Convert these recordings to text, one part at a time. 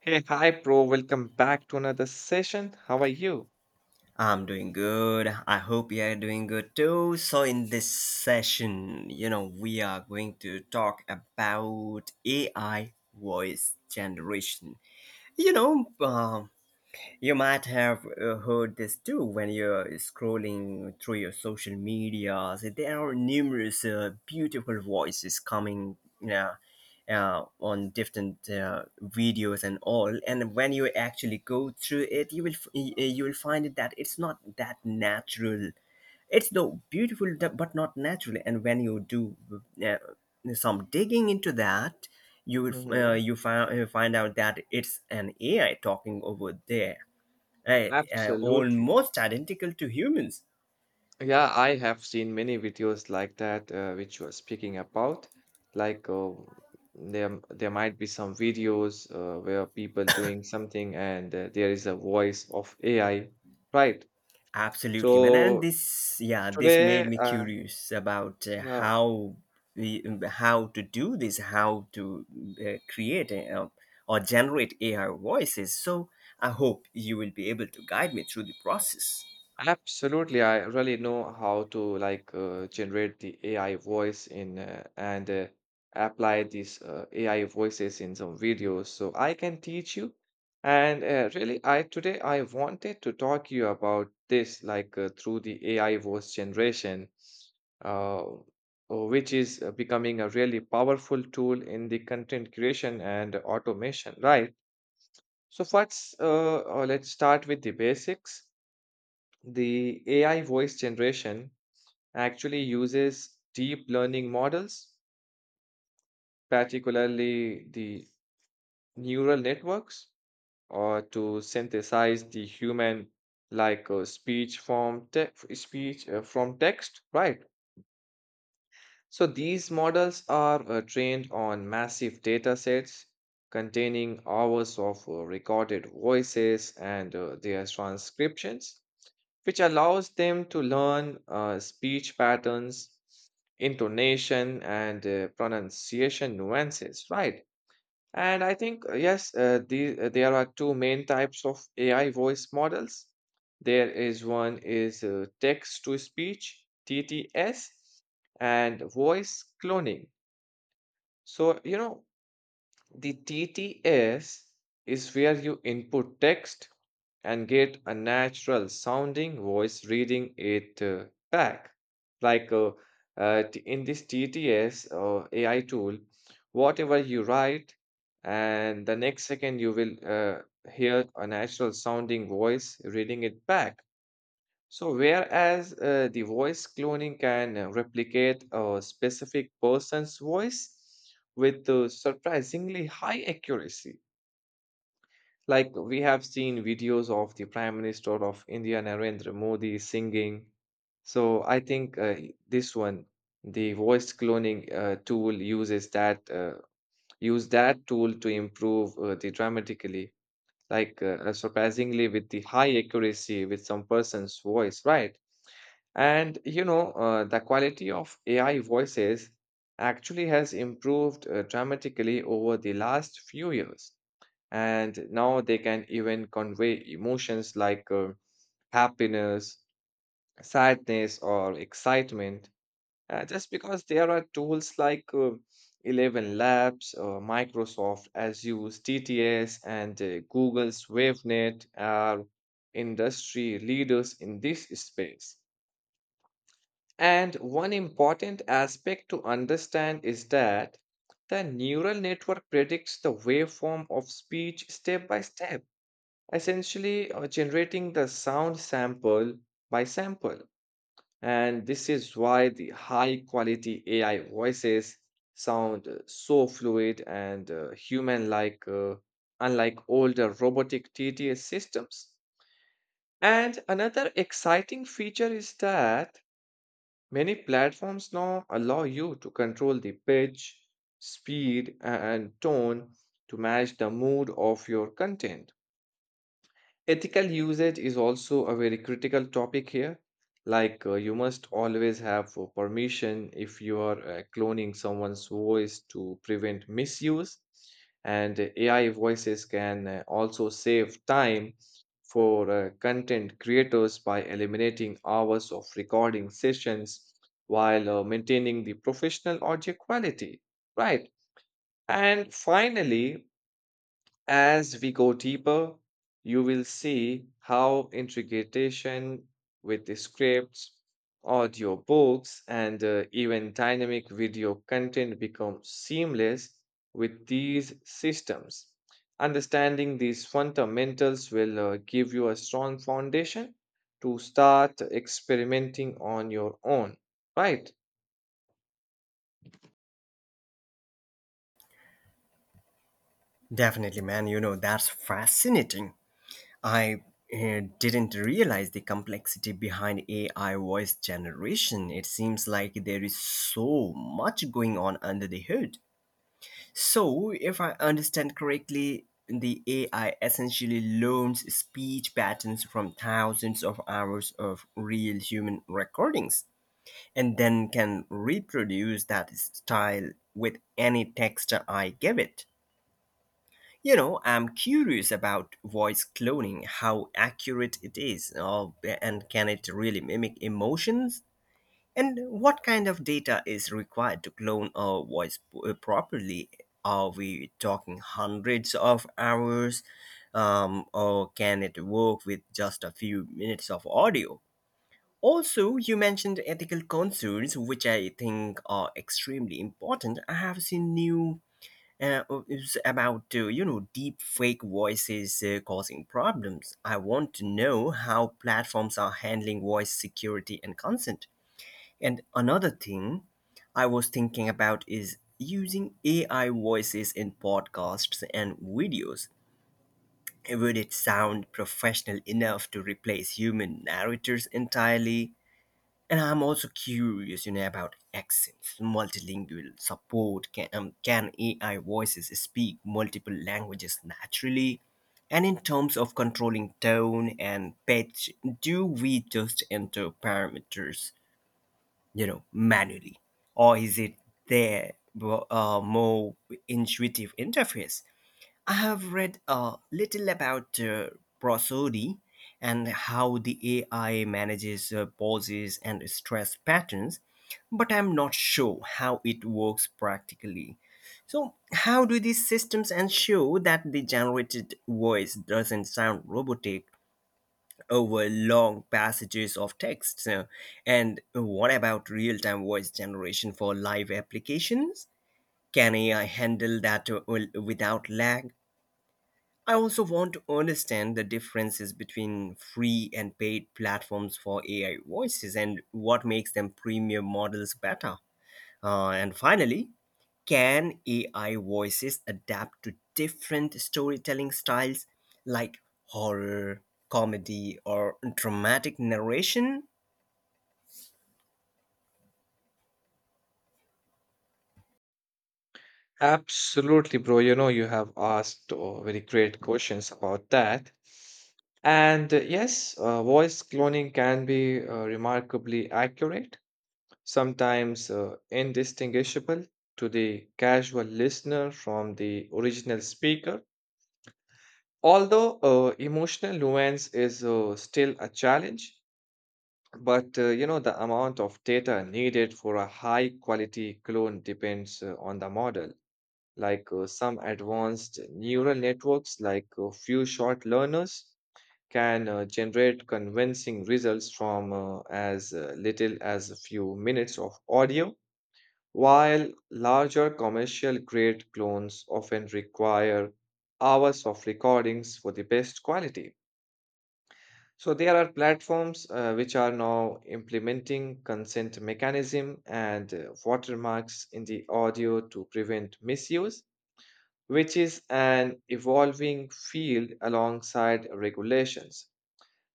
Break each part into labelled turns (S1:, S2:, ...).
S1: Hey, hi, bro. Welcome back to another session. How are you?
S2: I'm doing good. I hope you are doing good too. So, in this session, you know, we are going to talk about AI voice generation. You know, uh, you might have heard this too when you're scrolling through your social media. So there are numerous beautiful voices coming uh, on different videos and all. And when you actually go through it, you will find it that it's not that natural. It's though beautiful but not natural. And when you do uh, some digging into that,
S1: Mm-hmm.
S2: you find out that it's an AI talking over there, uh,
S1: Absolutely.
S2: almost identical to humans.
S1: Yeah, I have seen many videos like that which you are speaking about. Like uh, there might be some videos where people doing something and there is a voice of AI, right?
S2: Absolutely, man. And
S1: So
S2: this made
S1: today,
S2: me curious about
S1: yeah.
S2: how how to do this, how to create or generate AI voices. So I hope you will be able to guide me through the process.
S1: Absolutely. I really know how to generate the AI voice in and apply these AI voices in some videos. So I can teach you. And really, I today I wanted to talk you about this through the AI voice generation, uh, uh, which is becoming a really powerful tool in the content creation and automation, right? So first, let's start with the basics. The AI voice generation actually uses deep learning models, particularly the neural networks, or to synthesize the human like speech speech from text, right? So these models are trained on massive data sets containing hours of recorded voices and their transcriptions, which allows them to learn speech patterns, intonation, and pronunciation nuances, right? And I think, there are two main types of AI voice models. There is one is text to speech, TTS, and voice cloning. So, you know, the TTS is where you input text and get a natural sounding voice reading it back. Like uh, in this TTS or AI tool, whatever you write, and the next second you will hear a natural sounding voice reading it back. So, whereas the voice cloning can replicate a specific person's voice with surprisingly high accuracy, like we have seen videos of the Prime Minister of India Narendra Modi singing. So I think this one, the voice cloning tool uses that use that tool to improve the dramatically, surprisingly with the high accuracy with some person's voice, right? And you know the quality of AI voices actually has improved dramatically over the last few years and now they can even convey emotions like happiness, sadness, or excitement. Just because there are tools like 11 Labs, Microsoft Azure's TTS, and Google's WaveNet are industry leaders in this space. And one important aspect to understand is that the neural network predicts the waveform of speech step by step, essentially generating the sound sample by sample. And this is why the high quality AI voices sound so fluid and human like, unlike older robotic TTS systems. And another exciting feature is that many platforms now allow you to control the pitch, speed, and tone to match the mood of your content. Ethical usage is also a very critical topic here. Like, you must always have permission if you are cloning someone's voice to prevent misuse. And AI voices can also save time for content creators by eliminating hours of recording sessions while maintaining the professional audio quality, right? And finally, as we go deeper, you will see how integration with the scripts, audio books, and even dynamic video content becomes seamless with these systems. Understanding these fundamentals will give you a strong foundation to start experimenting on your own, right?
S2: Definitely, man. You know, that's fascinating. I didn't realize the complexity behind AI voice generation. It seems like there is so much going on under the hood. So, if I understand correctly, the AI essentially learns speech patterns from thousands of hours of real human recordings, and then can reproduce that style with any text I give it. You know, I'm curious about voice cloning, how accurate it is, and can it really mimic emotions? And what kind of data is required to clone a voice properly? Are we talking hundreds of hours? Or can it work with just a few minutes of audio? Also, you mentioned ethical concerns, which I think are extremely important. I have seen new It's about deep fake voices causing problems. I want to know how platforms are handling voice security and consent. And another thing I was thinking about is using AI voices in podcasts and videos. Would it sound professional enough to replace human narrators entirely? And I'm also curious, you know, about accents, multilingual support. Can AI voices speak multiple languages naturally? And in terms of controlling tone and pitch, do we just enter parameters, you know, manually? Or is it there more intuitive interface? I have read a little about prosody and how the AI manages pauses and stress patterns, but I'm not sure how it works practically. So, how do these systems ensure that the generated voice doesn't sound robotic over long passages of text? And what about real time voice generation for live applications? Can AI handle that without lag? I also want to understand the differences between free and paid platforms for AI voices and what makes them premium models better. And finally, can AI voices adapt to different storytelling styles like horror, comedy, or dramatic narration?
S1: Absolutely, bro. You know, you have asked very great questions about that. And voice cloning can be remarkably accurate, sometimes indistinguishable to the casual listener from the original speaker. Although emotional nuance is still a challenge, but you know, the amount of data needed for a high quality clone depends on the model. Some advanced neural networks, like few short learners, can generate convincing results from as little as a few minutes of audio, while larger commercial grade clones often require hours of recordings for the best quality. So there are platforms which are now implementing consent mechanism and watermarks in the audio to prevent misuse, which is an evolving field alongside regulations.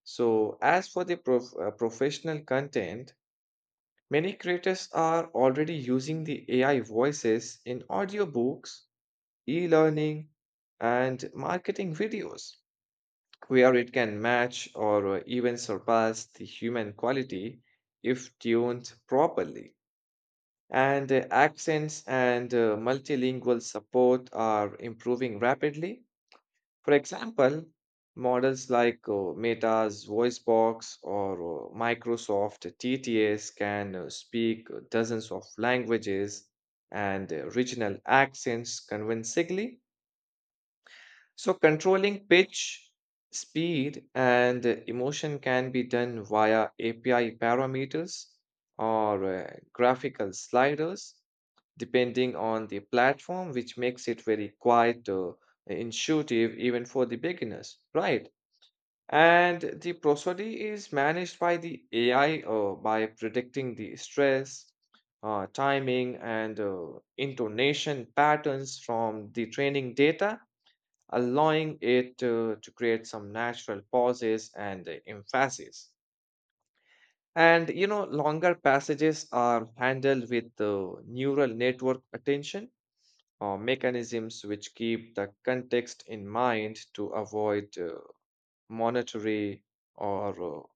S1: So, as for the professional content, many creators are already using the AI voices in audiobooks, e learning, and marketing videos, where it can match or even surpass the human quality if tuned properly. And accents and multilingual support are improving rapidly. For example, models like Meta's voice box or Microsoft TTS can speak dozens of languages and regional accents convincingly. So, controlling pitch, speed, and emotion can be done via API parameters or graphical sliders, depending on the platform, which makes it very quite intuitive even for the beginners, right? And the prosody is managed by the AI by predicting the stress, timing, and intonation patterns from the training data, allowing it to create some natural pauses and emphasis. And you know, longer passages are handled with neural network attention or mechanisms which keep the context in mind to avoid monetary or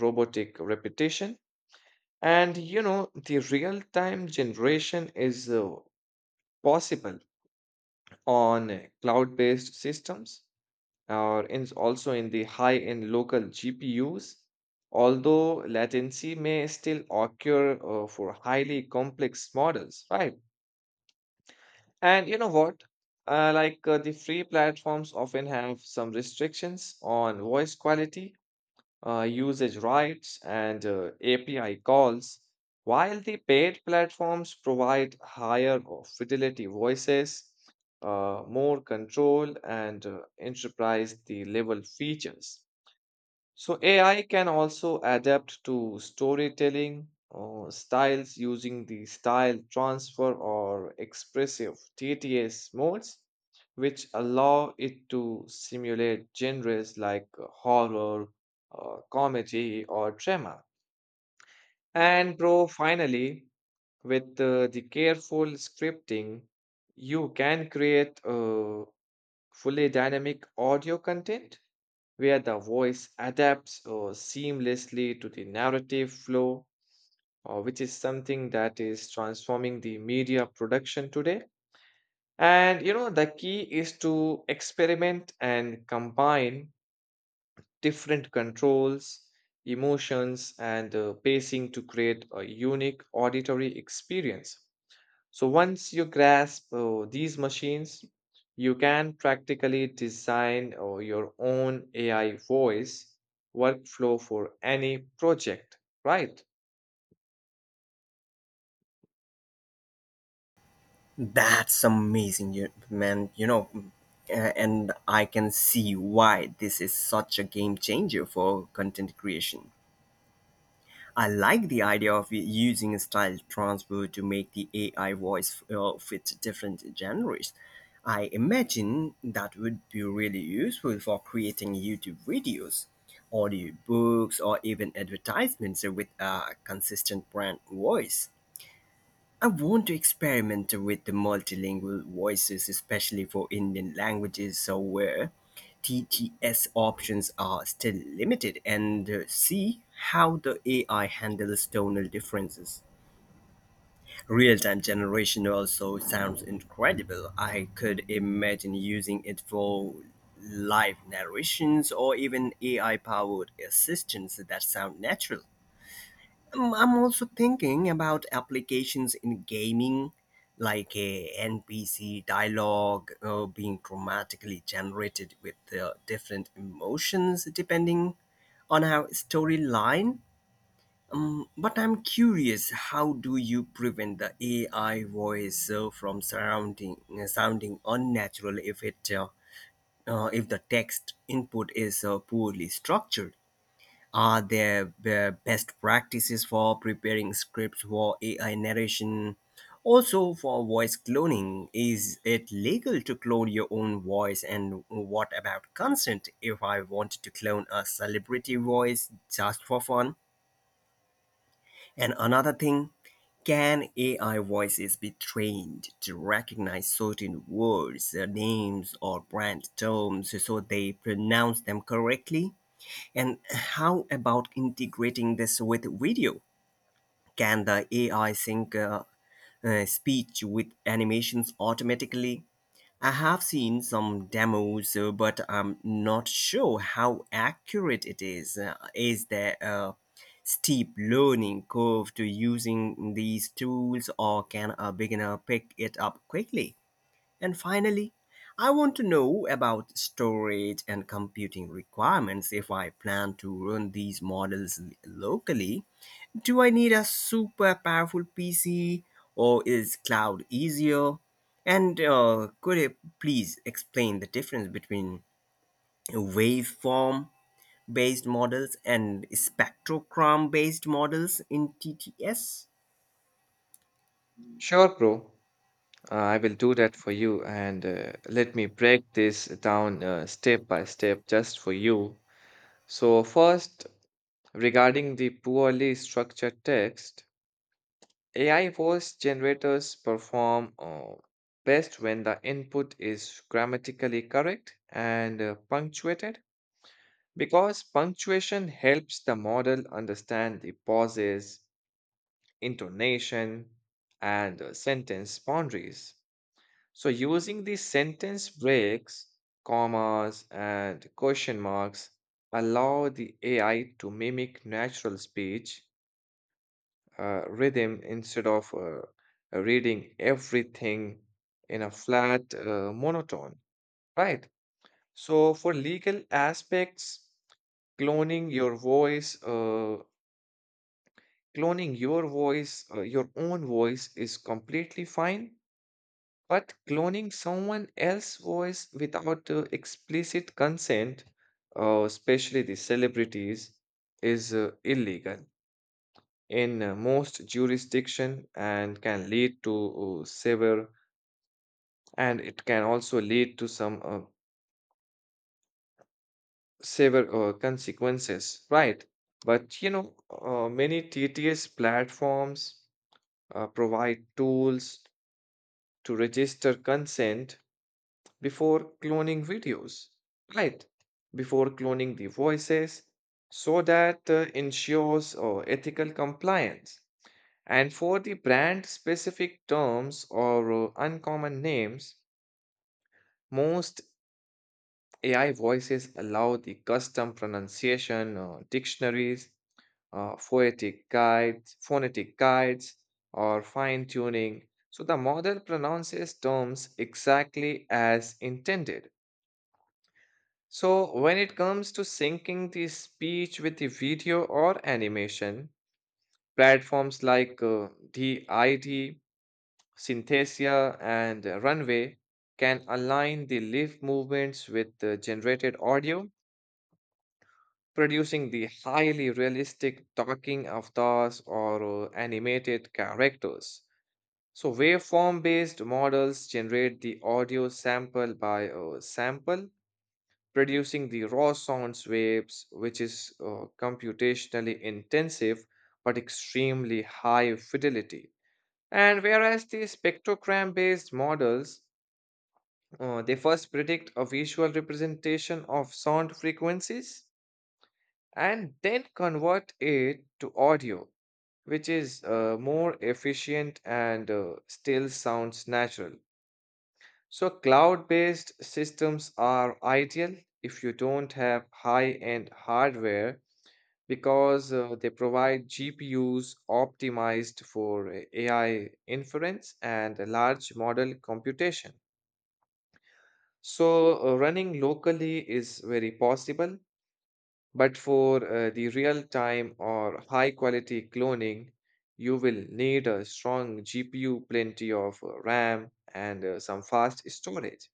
S1: robotic repetition. And you know, the real time generation is possible on cloud based systems or also in the high end local GPUs. Although latency may still occur for highly complex models, right? And you know what? The free platforms often have some restrictions on voice quality, usage rights, and API calls, while the paid platforms provide higher fidelity voices, more control, and enterprise the level features. So AI can also adapt to storytelling styles using the style transfer or expressive TTS modes, which allow it to simulate genres like horror, comedy, or drama. And bro, finally, with the careful scripting, you can create fully dynamic audio content where the voice adapts seamlessly to the narrative flow, which is something that is transforming the media production today. And you know, the key is to experiment and combine different controls, emotions, and pacing to create a unique auditory experience. So once you grasp these machines, you can practically design your own AI voice workflow for any project, right?
S2: That's amazing, man. You know, and I can see why this is such a game changer for content creation. I like the idea of using style transfer to make the AI voice fit different genres. I imagine that would be really useful for creating YouTube videos, audio books, or even advertisements with a consistent brand voice. I want to experiment with the multilingual voices, especially for Indian languages, so where TTS options are still limited, and see how the AI handles tonal differences. Real time generation also sounds incredible. I could imagine using it for live narrations or even AI powered assistants that sound natural. I'm also thinking about applications in gaming, like a NPC dialogue being dramatically generated with different emotions depending on our storyline. But I'm curious, how do you prevent the AI voice from surrounding sounding unnatural if the text input is poorly structured? Are there best practices for preparing scripts for AI narration? Also, for voice cloning, is it legal to clone your own voice? And what about consent if I want to clone a celebrity voice just for fun? And another thing, can AI voices be trained to recognize certain words, names, or brand terms so they pronounce them correctly? And how about integrating this with video? Can the AI sync speech with animations automatically? I have seen some demos, but I'm not sure how accurate it is. Is there a steep learning curve to using these tools, or can a beginner pick it up quickly? And finally, I want to know about storage and computing requirements if I plan to run these models locally. Do I need a super powerful PC or is cloud easier? And could you please explain the difference between waveform based models and spectrogram based models in TTS?
S1: Sure, bro. I will do that for you. And let me break this down step by step just for you. So, first, regarding the poorly structured text, AI voice generators perform best when the input is grammatically correct and punctuated because punctuation helps the model understand the pauses, intonation, and sentence boundaries. So, using these sentence breaks, commas, and question marks allow the AI to mimic natural speech rhythm instead of reading everything in a flat monotone, right? So for legal aspects, cloning your voice, uh, cloning your voice, your own voice is completely fine. But cloning someone else's voice without explicit consent, especially the celebrities, is illegal in most jurisdiction and can lead to severe and it can also lead to some severe consequences, right? But you know, many TTS platforms provide tools to register consent before cloning videos right before cloning the voices, so that ensures ethical compliance. And for the brand specific terms or uncommon names, most AI voices allow the custom pronunciation dictionaries, phonetic guides, or fine tuning, so the model pronounces terms exactly as intended. So when it comes to syncing the speech with the video or animation, platforms like DID, Synthesia, and Runway can align the leaf movements with the generated audio, producing the highly realistic talking avatars or animated characters. So, waveform based models generate the audio sample by sample, producing the raw sounds waves, which is computationally intensive but extremely high fidelity. And whereas the spectrogram based models, they first predict a visual representation of sound frequencies and then convert it to audio, which is more efficient and still sounds natural. So, cloud based systems are ideal if you don't have high end hardware because they provide GPUs optimized for AI inference and large model computation. So, running locally is very possible, but for the real-time or high-quality cloning, you will need a strong GPU, plenty of RAM, and some fast storage.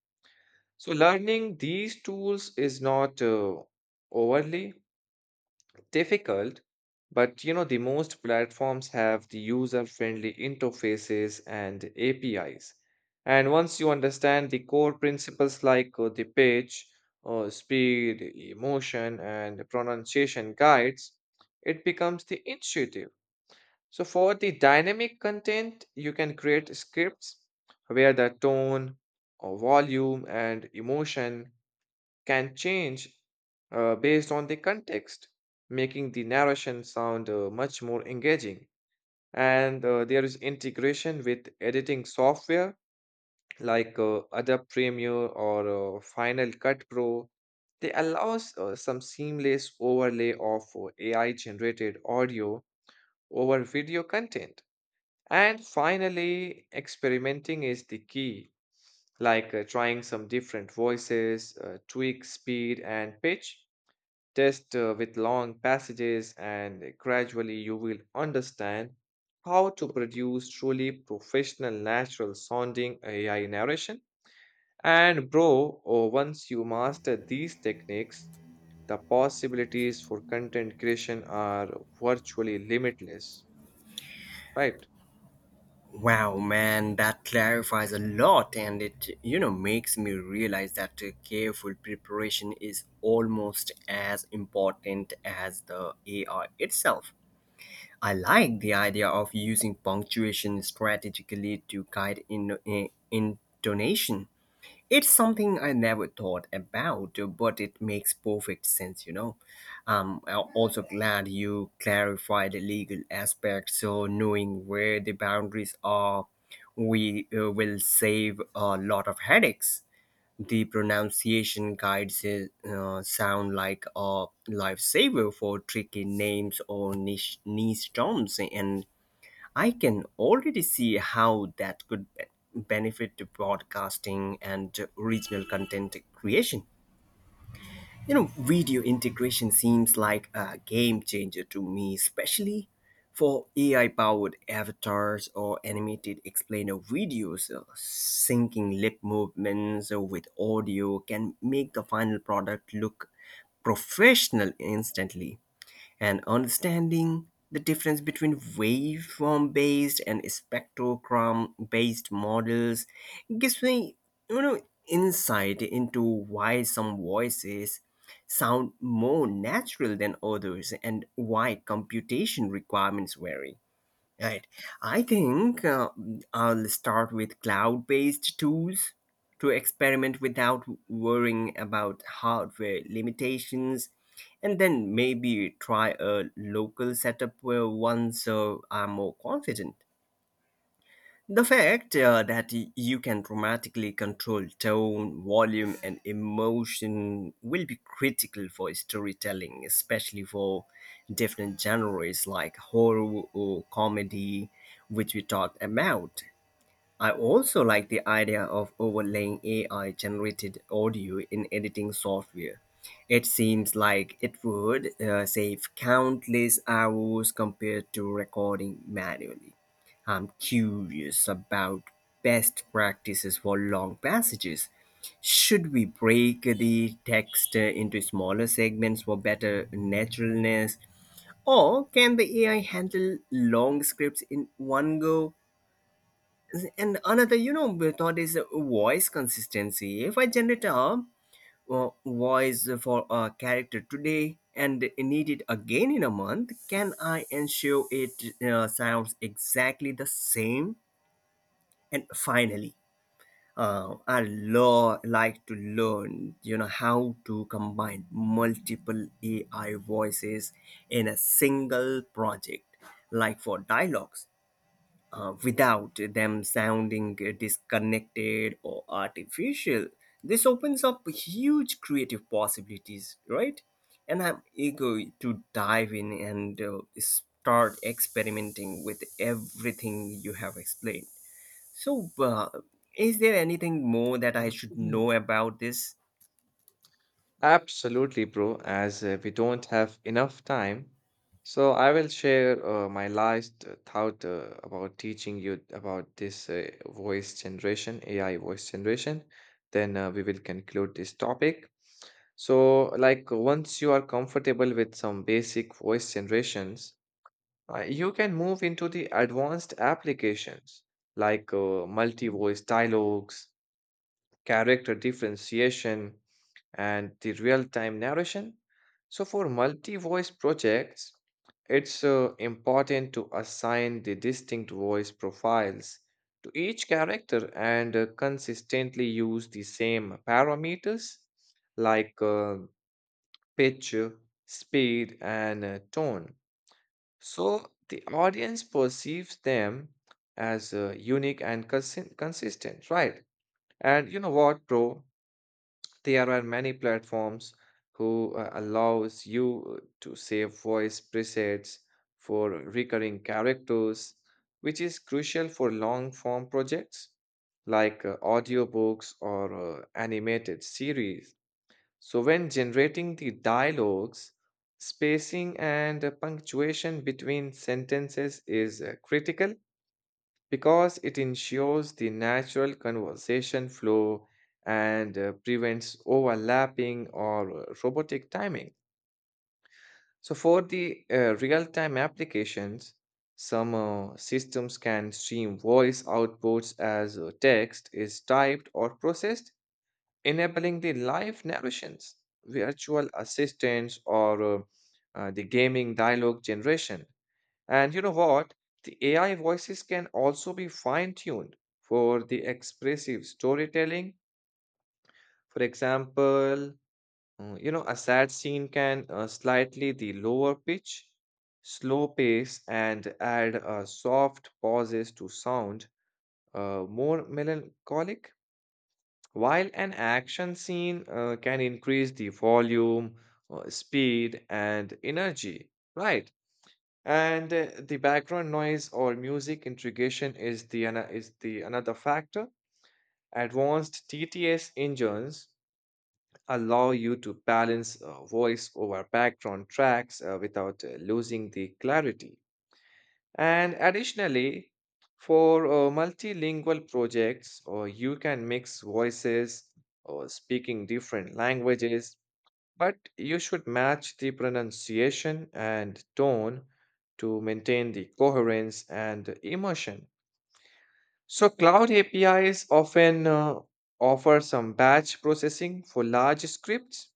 S1: So, learning these tools is not overly difficult, but you know, the most platforms have the user-friendly interfaces and APIs. And once you understand the core principles like the pitch, speed, emotion, and pronunciation guides, it becomes the intuitive. So for the dynamic content, you can create scripts where the tone or volume and emotion can change based on the context, making the narration sound much more engaging. And there is integration with editing software like Adobe Premiere or Final Cut Pro. They allows some seamless overlay of AI generated audio over video content. And finally, experimenting is the key, like trying some different voices, tweak speed and pitch, test with long passages, and gradually you will understand how to produce truly professional, natural sounding AI narration. And, bro, once you master these techniques, the possibilities for content creation are virtually limitless, right?
S2: Wow, man, that clarifies a lot, and it, you know, makes me realize that careful preparation is almost as important as the AI itself. I like the idea of using punctuation strategically to guide intonation. It's something I never thought about, but it makes perfect sense, you know. I'm also glad you clarified the legal aspect, so knowing where the boundaries are, we will save a lot of headaches. The pronunciation guides sound like a lifesaver for tricky names or niche terms, and I can already see how that could benefit to broadcasting and regional content creation. You know, video integration seems like a game changer to me, especially for AI powered avatars or animated explainer videos. Syncing lip movements with audio can make the final product look professional instantly, and understanding the difference between waveform based and spectrogram based models gives me, you know, insight into why some voices sound more natural than others and why computation requirements vary. Right. I think I'll start with cloud based tools to experiment without worrying about hardware limitations, and then maybe try a local setup where once I'm more confident. The fact that you can dramatically control tone, volume, and emotion will be critical for storytelling, especially for different genres like horror or comedy, which we talked about. I also like the idea of overlaying AI generated audio in editing software. It seems like it would save countless hours compared to recording manually. I'm curious about best practices for long passages. Should we break the text into smaller segments for better naturalness? Or can the AI handle long scripts in one go? And another, you know, method is voice consistency. If I generate a voice for a character today and need it again in a month, can I ensure it sounds exactly the same? And finally, I lo- like to learn, you know, how to combine multiple AI voices in a single project, like for dialogues without them sounding disconnected or artificial. This opens up huge creative possibilities, right? And I'm eager to dive in and start experimenting with everything you have explained. So, is there anything more that I should
S1: Mhm.
S2: know about this?
S1: Absolutely, bro, as we don't have enough time. So I will share my last thought about teaching you about this voice generation, AI voice generation. Then we will conclude this topic. So, like, once you are comfortable with some basic voice generations, you can move into the advanced applications like multi-voice dialogues, character differentiation and the real time narration. So, for multi voice projects, it's important to assign the distinct voice profiles to each character and consistently use the same parameters like pitch, speed, and tone. So, the audience perceives them as unique and consistent, right? And you know what, bro? There are many platforms who allows you to save voice presets for recurring characters, which is crucial for long form projects like audiobooks or animated series. So when generating the dialogues, spacing and punctuation between sentences is critical because it ensures the natural conversation flow and prevents overlapping or robotic timing. So, for the real time applications, some systems can stream voice outputs as text is typed or processed, enabling the live narrations, virtual assistants, or the gaming dialogue generation. And you know what? The AI voices can also be fine-tuned for the expressive storytelling. For example, you know, a sad scene can slightly the lower pitch, slow pace, and add soft pauses to sound more melancholic, while an action scene can increase the volume, speed, and energy, right? And the background noise or music integration is the is the another factor. Advanced TTS engines allow you to balance voice over background tracks without losing the clarity. And additionally, for multilingual projects, you can mix voices or speaking different languages, but you should match the pronunciation and tone to maintain the coherence and emotion. So, cloud APIs often offer some batch processing for large scripts,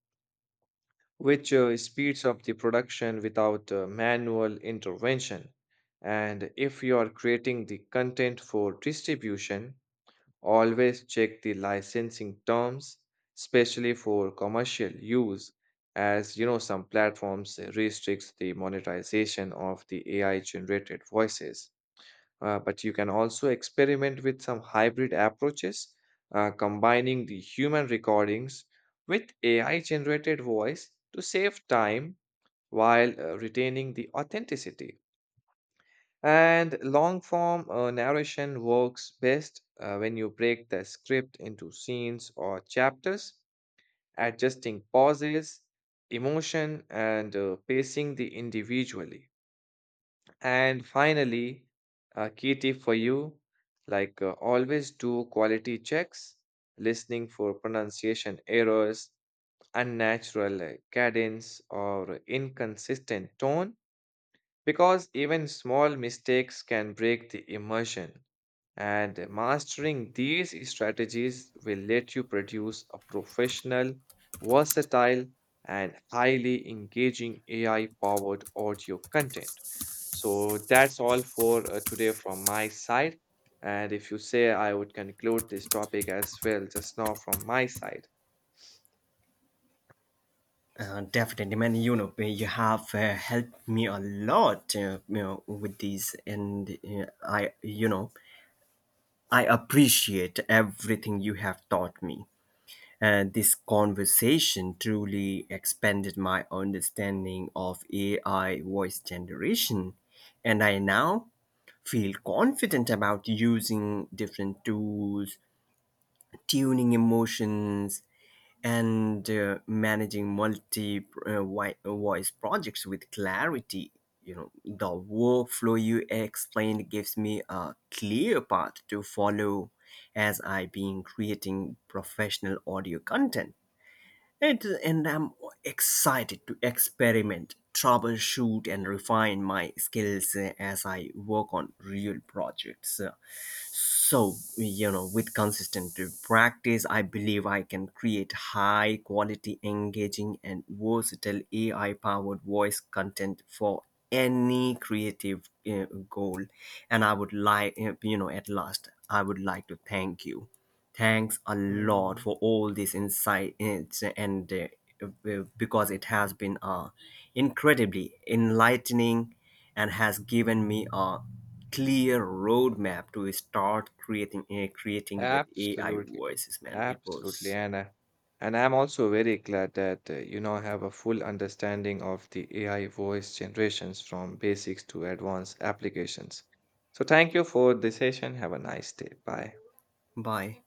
S1: which speeds up the production without manual intervention. And if you are creating the content for distribution, always check the licensing terms, especially for commercial use, as you know some platforms restricts the monetization of the AI generated voices. But you can also experiment with some hybrid approaches, combining the human recordings with AI generated voice to save time while retaining the authenticity. And long form narration works best when you break the script into scenes or chapters, adjusting pauses, emotion, and pacing the individually. And finally, a key tip for you, like always do quality checks, listening for pronunciation errors, unnatural cadence, or inconsistent tone, because even small mistakes can break the immersion, and mastering these strategies will let you produce a professional, versatile, and highly engaging AI powered audio content. So that's all for today from my side. And if you say, I would conclude this topic as well, just now from my side.
S2: Definitely, man. You know, you have helped me a lot, you know, with these, and you know, I appreciate everything you have taught me. And this conversation truly expanded my understanding of AI voice generation. And I now feel confident about using different tools, tuning emotions, and managing multi voice projects with clarity. You know, the workflow you explained gives me a clear path to follow as I been creating professional audio content, and I'm excited to experiment, troubleshoot, and refine my skills as I work on real projects. So, you know, with consistent practice I believe I can create high quality, engaging, and versatile ai powered voice content for any creative goal. And I would like you know at last I would like to thank you. Thanks a lot
S1: Mm.
S2: for all this insight. It's- and Because it has been incredibly enlightening and has given me a clear roadmap to start creating, creating with AI
S1: Absolutely, bro.
S2: voices, man. It
S1: Absolutely.
S2: was
S1: And I'm also very glad that, you know, I have a full understanding of the AI voice generations from basics to advanced applications. So thank you for the session. Have a nice day. Bye.
S2: bye.